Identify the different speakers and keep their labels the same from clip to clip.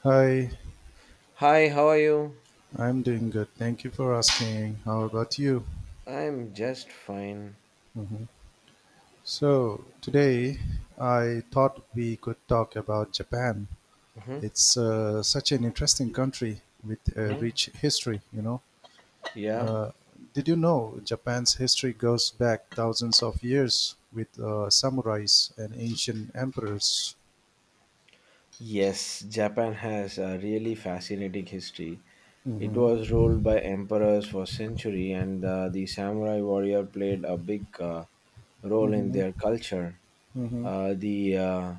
Speaker 1: Hi,
Speaker 2: Hi, how are you?
Speaker 1: I'm doing good. Thank you for asking. How about you?
Speaker 2: I'm just fine.
Speaker 1: Mhm. So, today I thought we could talk about Japan.
Speaker 2: Hmm.
Speaker 1: It's such an interesting country with a
Speaker 2: Hmm.
Speaker 1: rich history.
Speaker 2: Yeah.
Speaker 1: Uh, did you know Japan's history goes back thousands of years with samurais and ancient emperors?
Speaker 2: Yes, Japan has a really fascinating history. It
Speaker 1: Mm-hmm,
Speaker 2: was ruled by emperors for centuries, and the samurai warrior played a big role in
Speaker 1: mm-hmm,
Speaker 2: their culture.
Speaker 1: mm-hmm,
Speaker 2: Uh, the uh,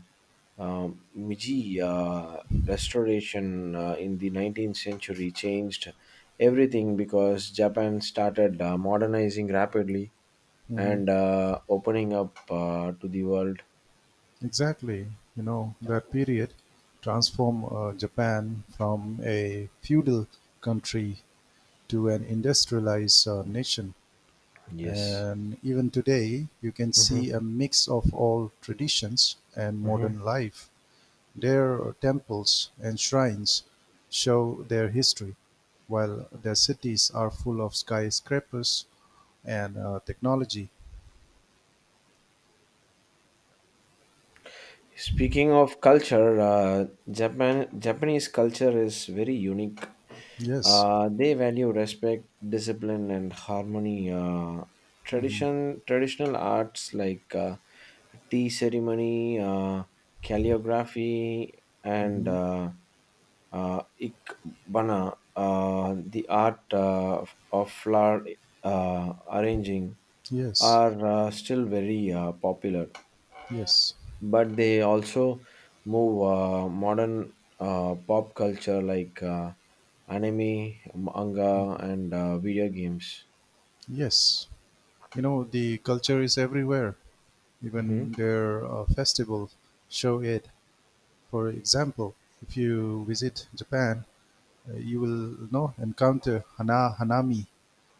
Speaker 2: um, Meiji restoration in the 19th century changed everything because Japan started modernizing rapidly
Speaker 1: mm-hmm.
Speaker 2: and opening up to the world.
Speaker 1: Exactly, that period transformed Japan from a feudal country to an industrialized nation.
Speaker 2: Yes.
Speaker 1: And even today, you can see a
Speaker 2: Hmm.
Speaker 1: mix of all traditions and
Speaker 2: Hmm.
Speaker 1: modern life. Their temples and shrines show their history, while their cities are full of skyscrapers and technology.
Speaker 2: Speaking of culture, Japanese culture is very unique.
Speaker 1: Yes.
Speaker 2: They value respect, discipline, and harmony.
Speaker 1: Hmm.
Speaker 2: Traditional arts like tea ceremony, calligraphy, and
Speaker 1: Hmm.
Speaker 2: ikebana, the art of flower arranging,
Speaker 1: Yes.
Speaker 2: are still very popular,
Speaker 1: Yes.
Speaker 2: but they also move modern pop culture like anime, manga, and video games.
Speaker 1: Yes. You know, the culture is everywhere,
Speaker 2: Hmm.
Speaker 1: even their festivals show it. For example, if you visit Japan, you will encounter hanami.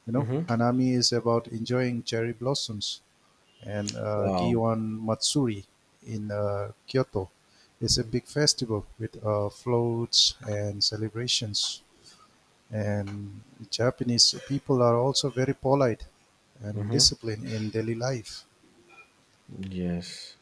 Speaker 2: Hmm.
Speaker 1: Hanami is about enjoying cherry blossoms, and
Speaker 2: Wow.
Speaker 1: Gion Matsuri in Kyoto is a big festival with floats and celebrations. And Japanese people are also very polite and
Speaker 2: Hmm.
Speaker 1: disciplined in daily life.
Speaker 2: Yes.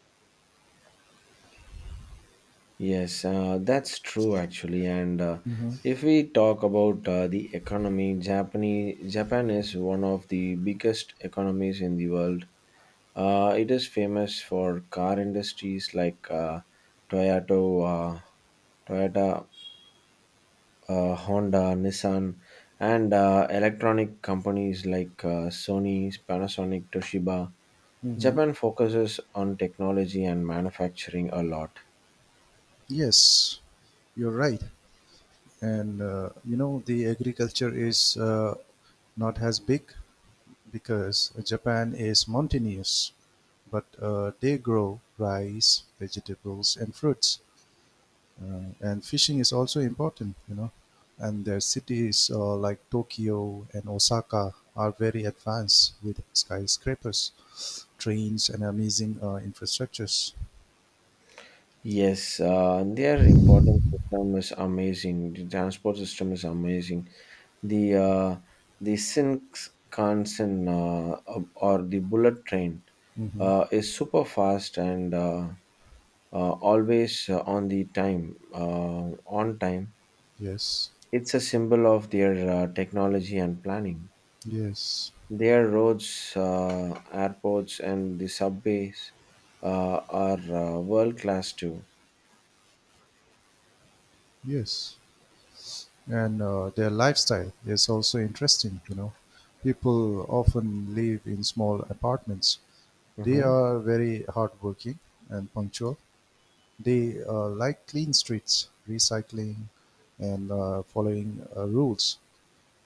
Speaker 2: Yes, that's true actually. And
Speaker 1: Hmm.
Speaker 2: if we talk about the economy, Japan is one of the biggest economies in the world. It is famous for car industries like Toyota, Toyota Honda, Nissan, and electronic companies like Sony, Panasonic, Toshiba.
Speaker 1: Hmm.
Speaker 2: Japan focuses on technology and manufacturing a lot.
Speaker 1: Yes, you're right. And you know, the agriculture is not as big because Japan is mountainous, but they grow rice, vegetables, and fruits. And fishing is also important. And their cities like Tokyo and Osaka are very advanced with skyscrapers, trains, and amazing infrastructures.
Speaker 2: Yes, their important system is amazing. The transport system is amazing. The uh, the Shinkansen, or the bullet train,
Speaker 1: Hmm.
Speaker 2: is super fast and always on time.
Speaker 1: Yes,
Speaker 2: It's a symbol of their technology and planning.
Speaker 1: yes,
Speaker 2: Their roads, airports, and the subways uh, are world class too.
Speaker 1: yes. And their lifestyle is also interesting. People often live in small apartments. They
Speaker 2: Mhm.
Speaker 1: are very hardworking and punctual. They like clean streets, recycling, and following rules.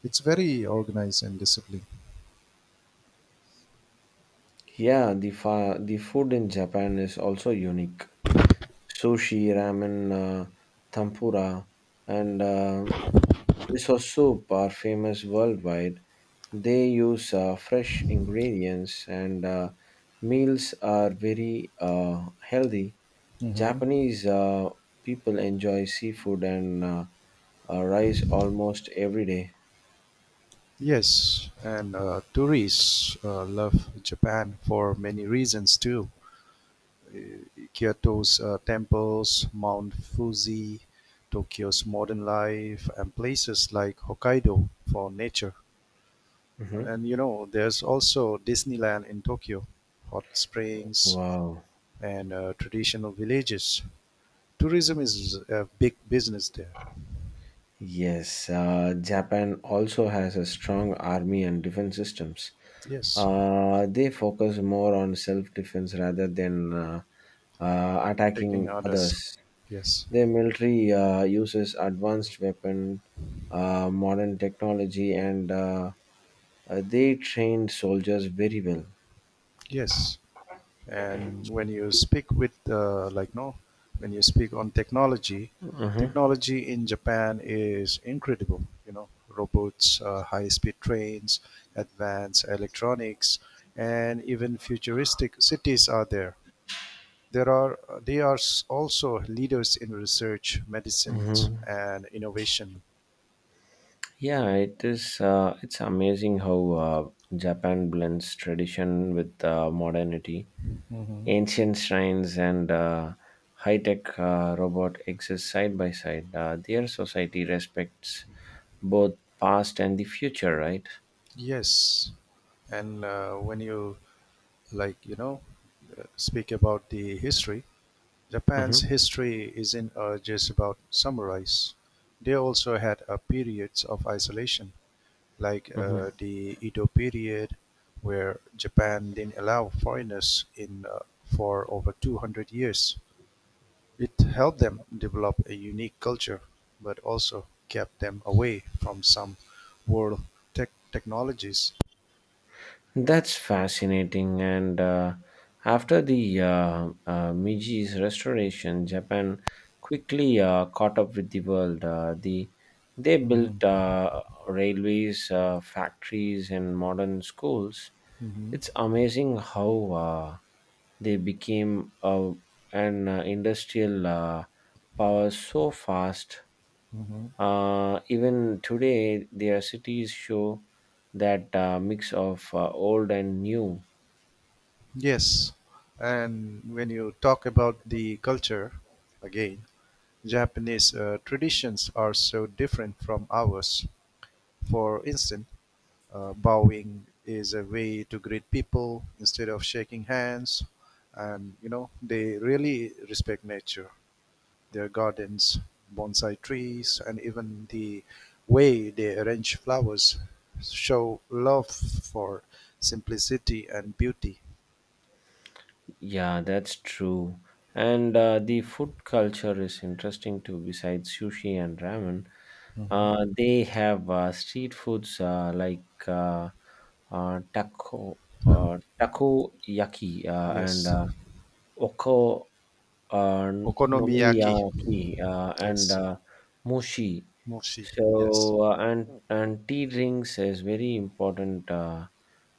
Speaker 1: It's very organized and disciplined.
Speaker 2: Yeah, the food in Japan is also unique. Sushi, ramen, tempura, and miso soup are famous worldwide. They use fresh ingredients, and meals are very uh, healthy.
Speaker 1: Hmm.
Speaker 2: Japanese people enjoy seafood and rice almost every day.
Speaker 1: Yes, and tourists love Japan for many reasons too. Kyoto's temples, Mount Fuji, Tokyo's modern life, and places like Hokkaido for nature.
Speaker 2: Mhm.
Speaker 1: And you know, there's also Disneyland in Tokyo, hot springs,
Speaker 2: Wow.
Speaker 1: and traditional villages. Tourism is a big business there.
Speaker 2: Yes, Japan also has a strong army and defense systems.
Speaker 1: Yes,
Speaker 2: They focus more on self defense rather than
Speaker 1: taking
Speaker 2: attacking
Speaker 1: others.
Speaker 2: others.
Speaker 1: Yes,
Speaker 2: Their military uses advanced weapon, modern technology, and they train soldiers very well.
Speaker 1: yes. And when you speak with, like, no, when you speak on technology,
Speaker 2: Mhm.
Speaker 1: technology in Japan is incredible. You know, robots, high-speed trains, advanced electronics, and even futuristic cities are there. There are they are s- also leaders in research, medicine,
Speaker 2: Mhm.
Speaker 1: and innovation.
Speaker 2: Yeah, it is. It's amazing how Japan blends tradition with modernity.
Speaker 1: Hmm.
Speaker 2: Ancient shrines and high-tech robot exist side by side. Their society respects both past and the future, right?
Speaker 1: Yes, and when you like, speak about the history. Japan's
Speaker 2: Mm-hmm.
Speaker 1: history isn't just about samurais; they also had periods of isolation, like the Edo period, where Japan didn't allow foreigners in for over 200 years. It helped them develop a unique culture, but also kept them away from some world technologies.
Speaker 2: That's fascinating. And after the Meiji restoration, Japan quickly caught up with the world. They built
Speaker 1: Mhm,
Speaker 2: railways, factories, and modern schools.
Speaker 1: mhm,
Speaker 2: It's amazing how they became an industrial power so fast.
Speaker 1: mhm.
Speaker 2: Even today, their cities show that mix of old and new.
Speaker 1: Yes, and when you talk about the culture again, Japanese traditions are so different from ours; for instance, bowing is a way to greet people instead of shaking hands, and you know they really respect nature, their gardens, bonsai trees, and even the way they arrange flowers show love for simplicity and beauty.
Speaker 2: Yeah, that's true. And the food culture is interesting too. Besides sushi and ramen,
Speaker 1: Mhm.
Speaker 2: they have street foods like uh, taco, takoyaki, and
Speaker 1: Yes.
Speaker 2: oko uh,
Speaker 1: Okonomiyaki.
Speaker 2: nomiyaki, and
Speaker 1: Yes.
Speaker 2: mushi.
Speaker 1: Moshi.
Speaker 2: So
Speaker 1: Yes.
Speaker 2: and tea drinks is very important. Uh,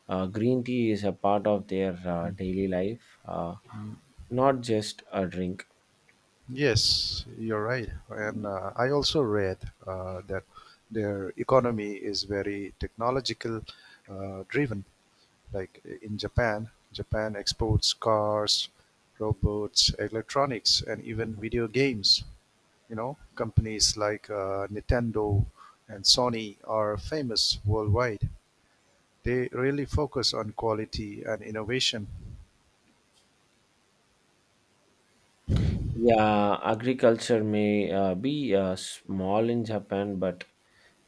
Speaker 2: uh, Green tea is a part of their daily life, not just a drink.
Speaker 1: Yes, you're right. And I also read that their economy is very technological driven. Like in Japan exports cars, robots, electronics, and even
Speaker 2: Mhm.
Speaker 1: video games. You know, companies like Nintendo and Sony are famous worldwide. They really focus on quality and innovation.
Speaker 2: Yeah, agriculture may be small in Japan, but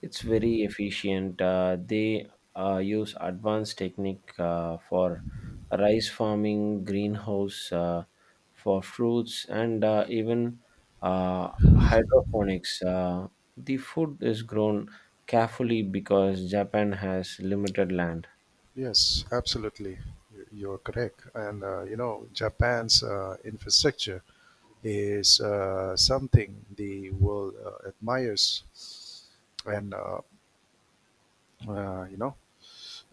Speaker 2: it's very efficient. They use advanced technique for rice farming, greenhouse for fruits, and even hydroponics. The food is grown carefully because Japan has limited land.
Speaker 1: Yes, absolutely. You're correct. And you know, Japan's infrastructure is something the world admires. And you know,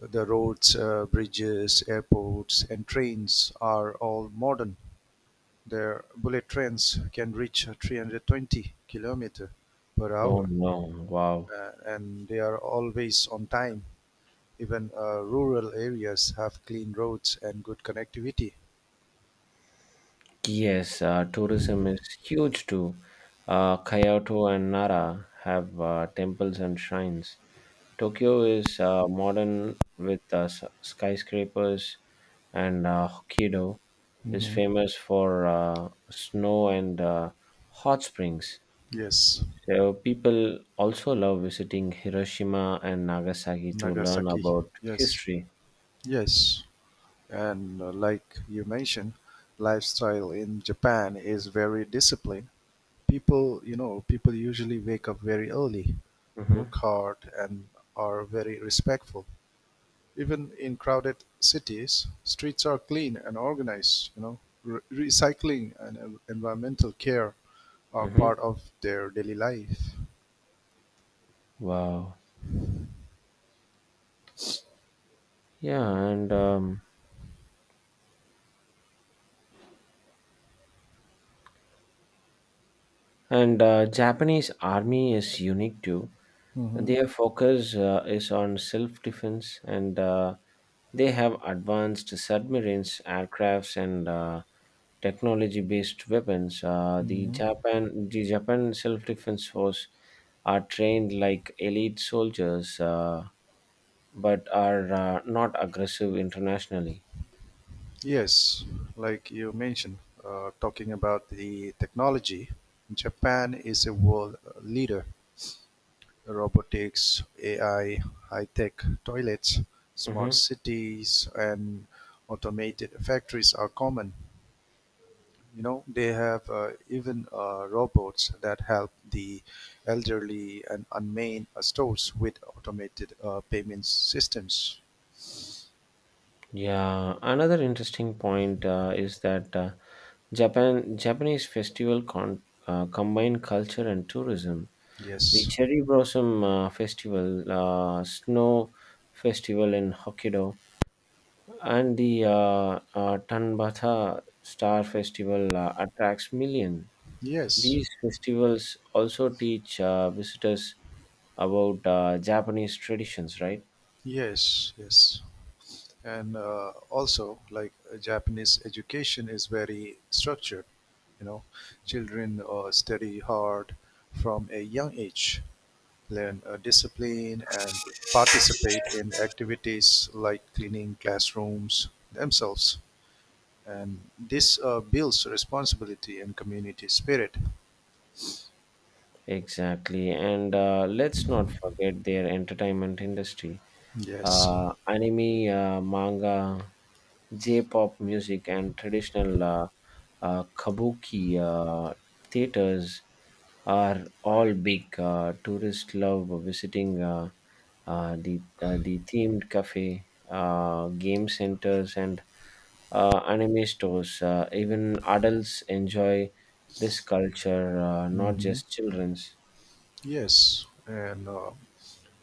Speaker 1: the roads, bridges, airports, and trains are all modern. Their bullet trains can reach 320 kilometer per
Speaker 2: Oh
Speaker 1: hour,
Speaker 2: no! Wow.
Speaker 1: and they are always on time. Even rural areas have clean roads and good connectivity.
Speaker 2: Yes, tourism is huge too. Kyoto and Nara have temples and shrines. Tokyo is modern with skyscrapers, and Hokkaido is
Speaker 1: Hmm.
Speaker 2: famous for snow and hot springs.
Speaker 1: Yes,
Speaker 2: So people also love visiting Hiroshima and Nagasaki to learn
Speaker 1: Nagasaki.
Speaker 2: about
Speaker 1: Yes,
Speaker 2: history.
Speaker 1: yes. And like you mentioned, lifestyle in Japan is very disciplined. People usually wake up very early, work
Speaker 2: Mm-hmm.
Speaker 1: hard, and are very respectful. Even in crowded cities, streets are clean and organized. You know, Re- recycling and environmental care are
Speaker 2: Mm-hmm.
Speaker 1: part of their daily life.
Speaker 2: Wow. Yeah, and Japanese army is unique too.
Speaker 1: Hmm.
Speaker 2: Their focus is on self-defense, and they have advanced submarines, aircrafts, and technology-based weapons. The
Speaker 1: Hmm.
Speaker 2: Japan, the Japan self-defense force are trained like elite soldiers, but are not aggressive internationally.
Speaker 1: Yes, like you mentioned, talking about the technology, Japan is a world leader. Robotics, AI, high tech toilets, smart
Speaker 2: Hmm.
Speaker 1: cities, and automated factories are common. You know, they have even robots that help the elderly and unmanned stores with automated payment systems.
Speaker 2: Yeah, another interesting point is that. Japanese festival combine culture and tourism. The
Speaker 1: Yes,
Speaker 2: cherry blossom festival, snow festival in Hokkaido, and the Tanbata Star Festival attracts millions.
Speaker 1: yes,
Speaker 2: These festivals also teach visitors about Japanese traditions, right?
Speaker 1: yes, yes. And also like Japanese education is very structured. You know, children study hard from a young age, learn discipline, and participate in activities like cleaning classrooms themselves. And this builds responsibility and community spirit.
Speaker 2: Exactly, and let's not forget their entertainment industry.
Speaker 1: Yes.
Speaker 2: Anime, manga, J-pop music, and traditional kabuki theaters are all big. Tourists love visiting the themed cafe, game centers, and anime stores. Even adults enjoy this culture, not
Speaker 1: Hmm.
Speaker 2: just children's.
Speaker 1: Yes, and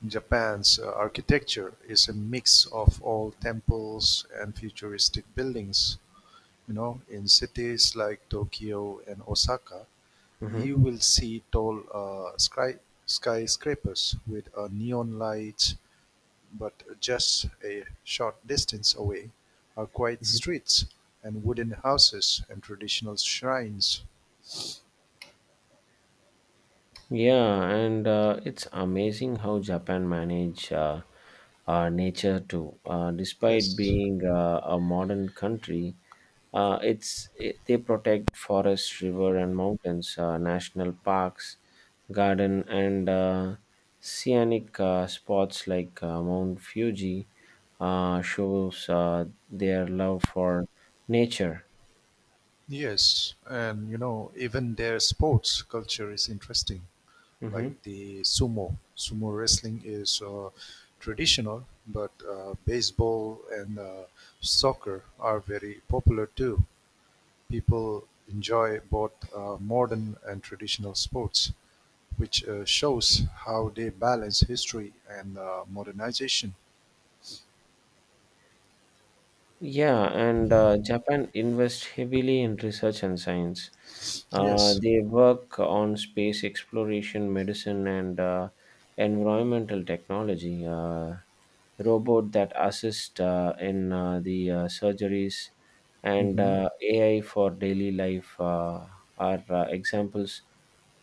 Speaker 1: Japan's architecture is a mix of old temples and futuristic buildings. You know, in cities like Tokyo and Osaka,
Speaker 2: Mhm.
Speaker 1: you will see tall skyscrapers with neon lights. But just a short distance away are quiet
Speaker 2: Mhm.
Speaker 1: streets and wooden houses and traditional shrines.
Speaker 2: Yeah, and it's amazing how Japan manage. Nature too. Despite
Speaker 1: Yes,
Speaker 2: being a modern country, they protect forests, river, and mountains, national parks, garden, and scenic spots like Mount Fuji shows their love for nature.
Speaker 1: yes, and you know even their sports culture is interesting.
Speaker 2: Mhm.
Speaker 1: Like the sumo wrestling is traditional, but baseball and soccer are very popular too. People enjoy both modern and traditional sports, which shows how they balance history and modernization.
Speaker 2: Yeah, and Japan invests heavily in research and science.
Speaker 1: Yes.
Speaker 2: They work on space exploration, medicine, and environmental technology. Robot that assist in the surgeries and
Speaker 1: Hmm.
Speaker 2: AI for daily life are examples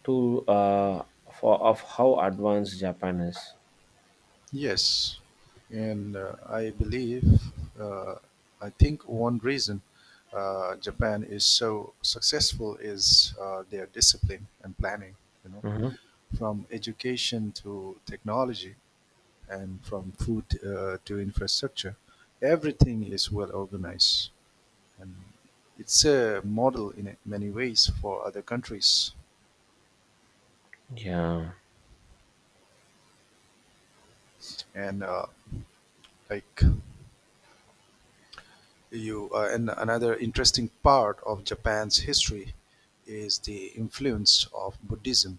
Speaker 2: to for of how advanced Japan is.
Speaker 1: Yes, and I believe, uh, I think one reason Japan is so successful is their discipline and planning. You know,
Speaker 2: Hmm.
Speaker 1: from education to technology and from food to infrastructure, everything is well organized. And it's a model in many ways for other countries.
Speaker 2: Yeah.
Speaker 1: And like another interesting part of Japan's history is the influence of Buddhism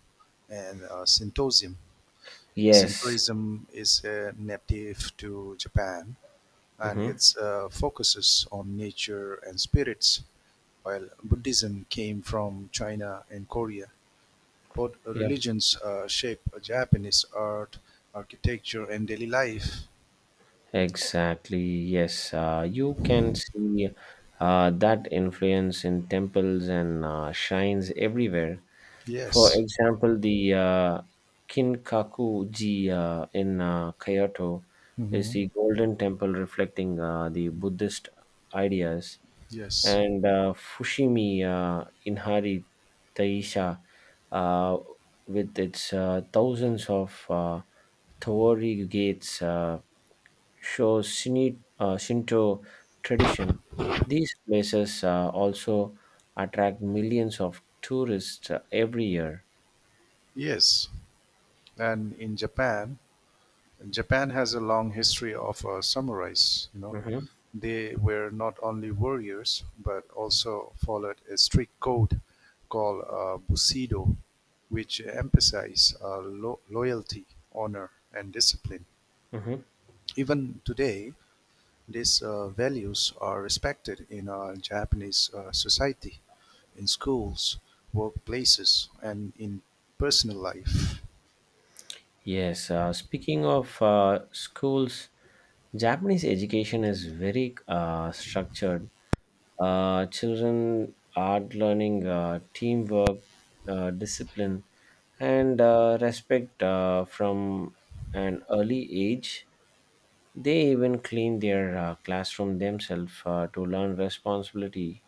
Speaker 1: and Shintoism.
Speaker 2: Yes.
Speaker 1: Shintoism is native to Japan, and
Speaker 2: Hmm.
Speaker 1: it focuses on nature and spirits. While Buddhism came from China and Korea, both
Speaker 2: Yeah.
Speaker 1: religions shape Japanese art, architecture, and daily life.
Speaker 2: Exactly, yes. You can see that influence in temples and shrines everywhere. For
Speaker 1: Yes.
Speaker 2: example, the Kinkaku-ji in Kyoto is
Speaker 1: Hmm.
Speaker 2: the golden temple reflecting the Buddhist ideas,
Speaker 1: Yes.
Speaker 2: and Fushimi in Hari Taisha, uh, with its thousands of torii gates. Shows Shinto tradition. These places also attract millions of tourists every year.
Speaker 1: Yes. And Japan has a long history of samurais. You know,
Speaker 2: Mhm,
Speaker 1: they were not only warriors but also followed a strict code called Bushido, which emphasized loyalty, honor, and discipline.
Speaker 2: mhm.
Speaker 1: Even today, these values are respected in Japanese society, in schools, workplaces, and in personal life.
Speaker 2: Yes, speaking of schools, Japanese education is very structured. Children are learning teamwork, discipline, and respect from an early age. They even clean their classroom themselves to learn responsibility.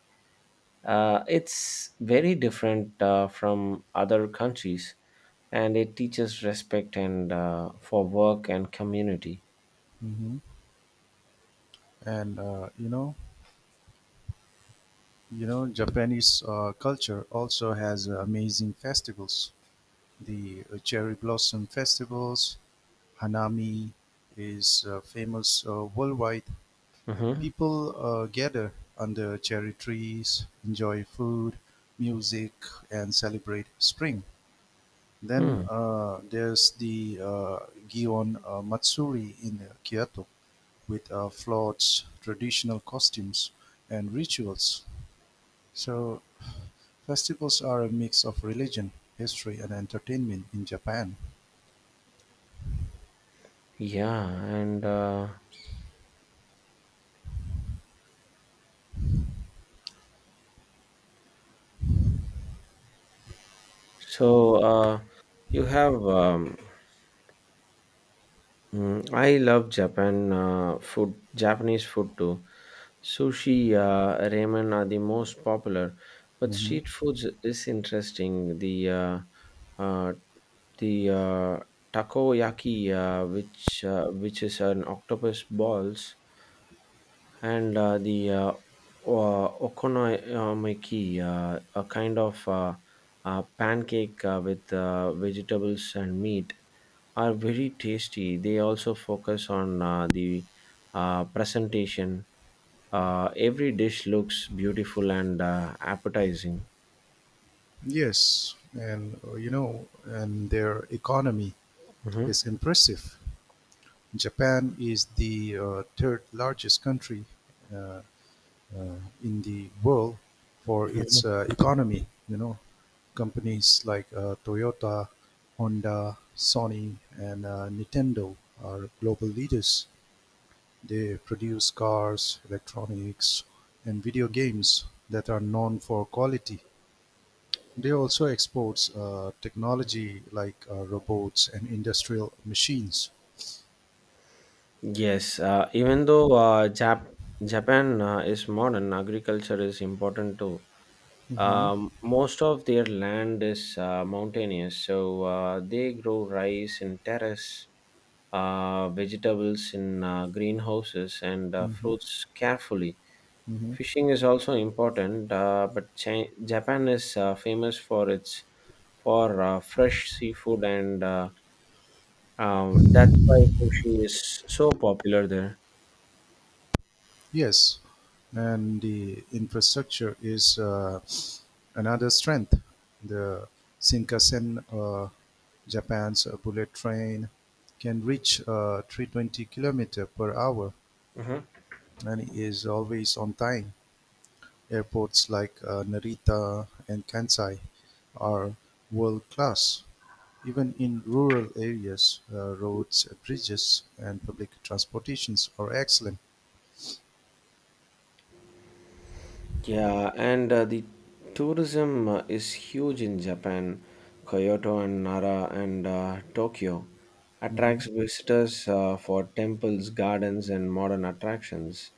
Speaker 2: It's very different from other countries, and it teaches respect and for work and community.
Speaker 1: Hmm. And Japanese culture also has amazing festivals. The cherry blossom festivals, Hanami, is famous worldwide.
Speaker 2: Mm-hmm.
Speaker 1: People gather under cherry trees, enjoy food, music, and celebrate spring.
Speaker 2: Hmm.
Speaker 1: Then there's the Gion Matsuri in Kyoto with floats, traditional costumes, and rituals. So festivals are a mix of religion, history, and entertainment in Japan.
Speaker 2: Yeah, and so you have um, I love Japanese food too. Sushi, ramen are the most popular, but
Speaker 1: Hmm.
Speaker 2: street foods is interesting. Uh, the takoyaki, which is an octopus balls, and the okonomiyaki, a kind of pancake with vegetables and meat are very tasty. They also focus on the presentation. Every dish looks beautiful and appetizing.
Speaker 1: Yes, and their economy
Speaker 2: Mhm.
Speaker 1: is impressive. Japan is the third largest country uh, uh, in the world for
Speaker 2: Mhm.
Speaker 1: its economy. You know, companies like Toyota, Honda, Sony, and Nintendo are global leaders. They produce cars, electronics, and video games that are known for quality. They also exports technology like robots and industrial machines.
Speaker 2: Yes, even though Japan is modern, agriculture is important too.
Speaker 1: Mm-hmm.
Speaker 2: Most of their land is mountainous, so they grow rice in terrace, vegetables in greenhouses, and
Speaker 1: Mm-hmm.
Speaker 2: fruits carefully.
Speaker 1: Mm-hmm.
Speaker 2: Fishing is also important, Japan is famous for fresh seafood, and that's why sushi is so popular there.
Speaker 1: Yes, and the infrastructure is another strength. The Shinkansen, Japan's bullet train, can reach 320 kilometer per hour
Speaker 2: Mhm.
Speaker 1: and is always on time. Airports like Narita and Kansai are world class. Even in rural areas, roads, bridges, and public transportations are excellent.
Speaker 2: Yeah, and the tourism is huge in Japan. Kyoto and Nara and Tokyo
Speaker 1: Hmm.
Speaker 2: attracts visitors for temples, gardens, and modern attractions.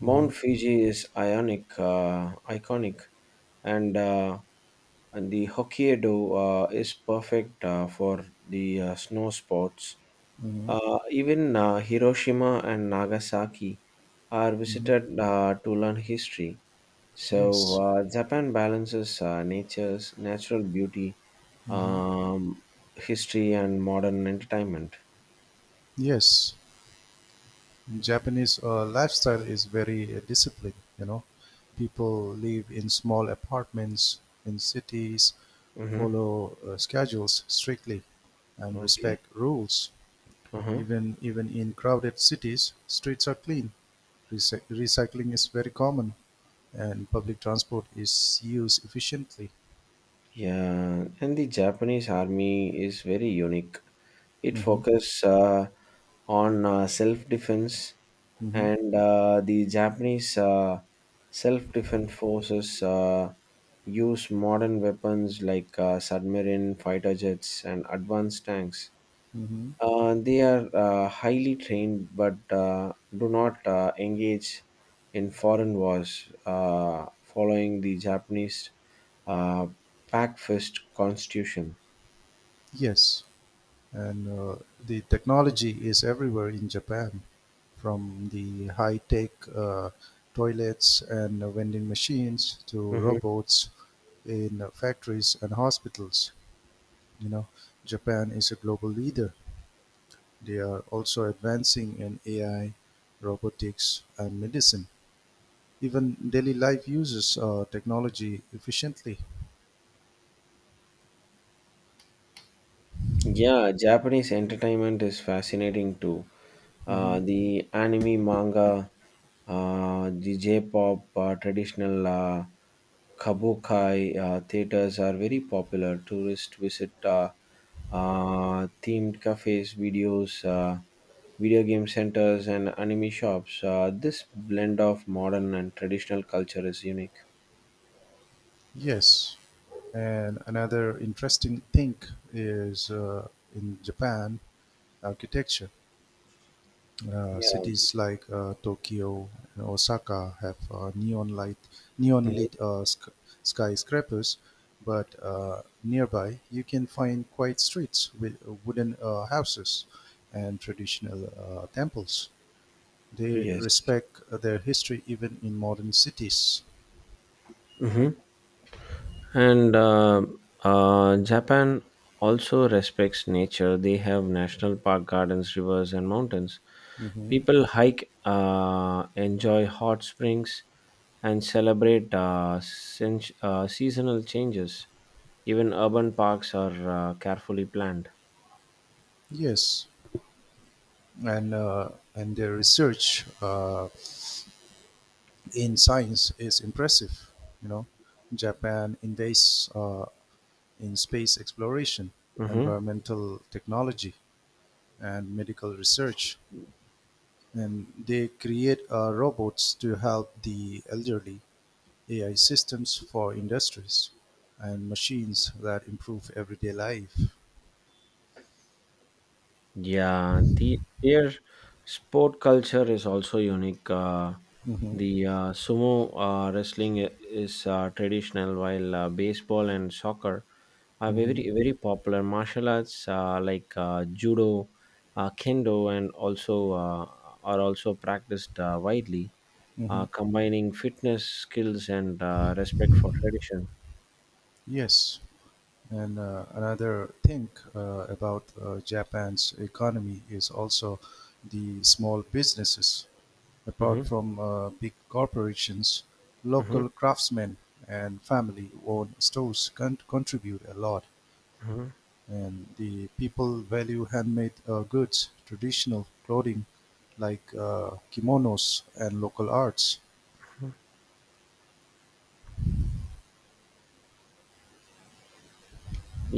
Speaker 1: Hmm.
Speaker 2: Fuji is iconic, and uh, and the Hokkaido is perfect for the snow sports.
Speaker 1: Hmm.
Speaker 2: Even Hiroshima and Nagasaki are
Speaker 1: Hmm.
Speaker 2: visited to learn history. So
Speaker 1: Yes.
Speaker 2: Japan balances nature's natural beauty,
Speaker 1: Hmm.
Speaker 2: um, history, and modern entertainment.
Speaker 1: Yes, Japanese lifestyle is very disciplined. You know, people live in small apartments in cities,
Speaker 2: Mm-hmm.
Speaker 1: follow schedules strictly, and
Speaker 2: Okay.
Speaker 1: respect rules.
Speaker 2: Uh-huh.
Speaker 1: Even in crowded cities, streets are clean. Recycling is very common, and public transport is used efficiently.
Speaker 2: Yeah, and the Japanese army is very unique. It
Speaker 1: Hmm.
Speaker 2: focuses on self defense,
Speaker 1: Hmm.
Speaker 2: and the Japanese self defense forces use modern weapons like submarine fighter jets and advanced tanks.
Speaker 1: Hmm.
Speaker 2: They are highly trained but do not engage in foreign wars, following the Japanese uh, Pacifist constitution.
Speaker 1: Yes. And the technology is everywhere in Japan, from the high-tech toilets and vending machines to
Speaker 2: Mhm.
Speaker 1: robots in factories and hospitals. You know, Japan is a global leader. They are also advancing in AI, robotics, and medicine. Even daily life uses technology efficiently.
Speaker 2: Yeah, Japanese entertainment is fascinating too.
Speaker 1: Mhm.
Speaker 2: The anime, manga, the J-pop, traditional kabukai theaters are very popular. Tourists visit themed cafes, video game centers, and anime shops. This blend of modern and traditional culture is unique.
Speaker 1: Yes, and another interesting thing is in Japan architecture.
Speaker 2: Yeah.
Speaker 1: Cities like Tokyo and Osaka have neon
Speaker 2: Mhm.
Speaker 1: lit skyscrapers, but nearby you can find quiet streets with wooden houses and traditional temples. They
Speaker 2: Yes.
Speaker 1: respect their history even in modern cities.
Speaker 2: Mhm. And Japan also respects nature. They have national park gardens, rivers, and mountains.
Speaker 1: Mhm.
Speaker 2: People hike, enjoy hot springs, and celebrate seasonal changes. Even urban parks are carefully planned.
Speaker 1: Yes, and their research in science is impressive. You know, Japan invests in space exploration,
Speaker 2: Hmm.
Speaker 1: environmental technology, and medical research, and they create robots to help the elderly, AI systems for industries, and machines that improve everyday life.
Speaker 2: Yeah, their sport culture is also unique.
Speaker 1: Hmm.
Speaker 2: The sumo wrestling is traditional, while baseball and soccer are very
Speaker 1: Hmm.
Speaker 2: very popular. Martial arts like judo, kendo, and also uh, are also practiced widely,
Speaker 1: Hmm.
Speaker 2: combining fitness skills and respect for tradition.
Speaker 1: Yes. And another thing about Japan's economy is also the small businesses.
Speaker 2: Hmm.
Speaker 1: Apart from big corporations,
Speaker 2: Hmm.
Speaker 1: local craftsmen and family owned stores contribute a lot.
Speaker 2: Hmm.
Speaker 1: And the people value handmade goods, traditional clothing like kimonos, and local arts.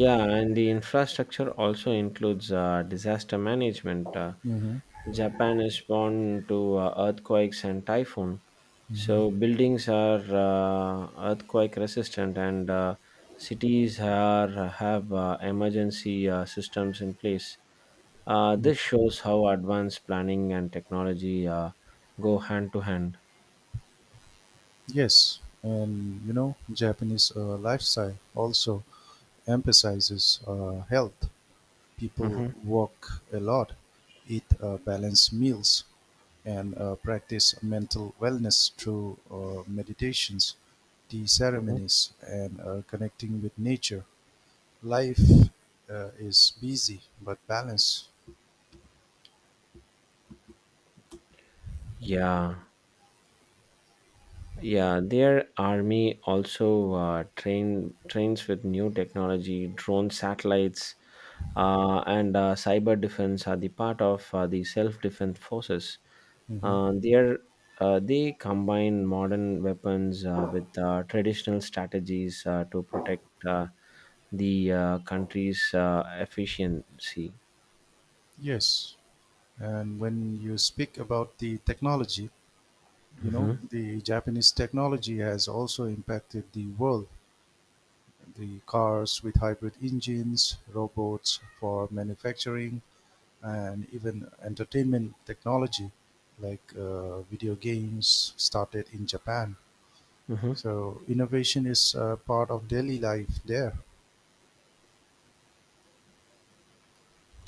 Speaker 2: Yeah, and the infrastructure also includes disaster management. uh,
Speaker 1: Hmm.
Speaker 2: japan is prone to earthquakes and typhoon. So
Speaker 1: Hmm.
Speaker 2: buildings are earthquake resistant, and cities are have emergency systems in place.
Speaker 1: Mm.
Speaker 2: This shows how advanced planning and technology go hand to hand.
Speaker 1: Yes, and you know, Japanese lifestyle also emphasizes health. People
Speaker 2: Mhm,
Speaker 1: walk a lot, eat balanced meals, and practice mental wellness through meditations, tea
Speaker 2: mhm.
Speaker 1: ceremonies, and connecting with nature. Life is busy but balanced.
Speaker 2: Yeah. Yeah, their army also trains with new technology, drone satellites, and cyber defense are the part of the self-defense forces.
Speaker 1: Hmm.
Speaker 2: Their They combine modern weapons with traditional strategies to protect the country's efficiency.
Speaker 1: Yes. And when you speak about the technology, you know,
Speaker 2: Hmm.
Speaker 1: the Japanese technology has also impacted the world. The cars with hybrid engines, robots for manufacturing, and even entertainment technology like video games started in Japan.
Speaker 2: Hmm.
Speaker 1: So innovation is part of daily life there.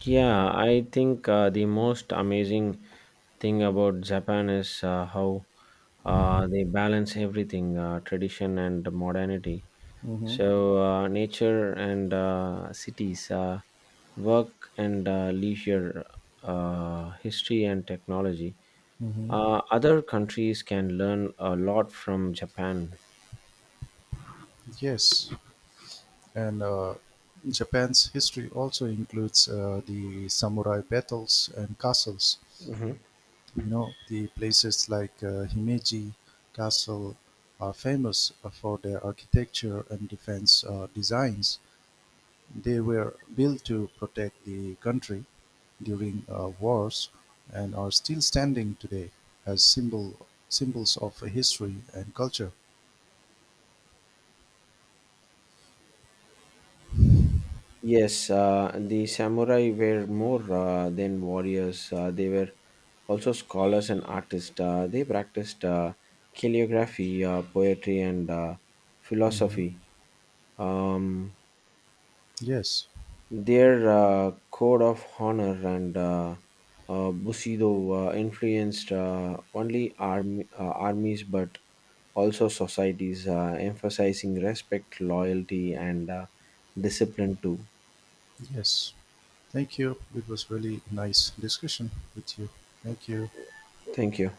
Speaker 2: Yeah, I think the most amazing thing about Japan is how they balance everything: tradition and modernity.
Speaker 1: Hmm.
Speaker 2: So, nature and cities, work and leisure, history and technology.
Speaker 1: Hmm.
Speaker 2: Other countries can learn a lot from Japan.
Speaker 1: Yes, and Japan's history also includes the samurai battles and castles.
Speaker 2: Mhm.
Speaker 1: You know, the places like Himeji castle are famous for their architecture and defense designs. They were built to protect the country during wars and are still standing today as symbols of history and culture.
Speaker 2: Yes, the samurai were more than warriors. They were also scholars and artists. They practiced calligraphy, poetry, and
Speaker 1: Hmm.
Speaker 2: philosophy. Um,
Speaker 1: Yes,
Speaker 2: their code of honor and bushido influenced armies but also societies, emphasizing respect, loyalty, and discipline too.
Speaker 1: yes. Thank you, it was really nice discussion with you. Thank you.
Speaker 2: Thank you.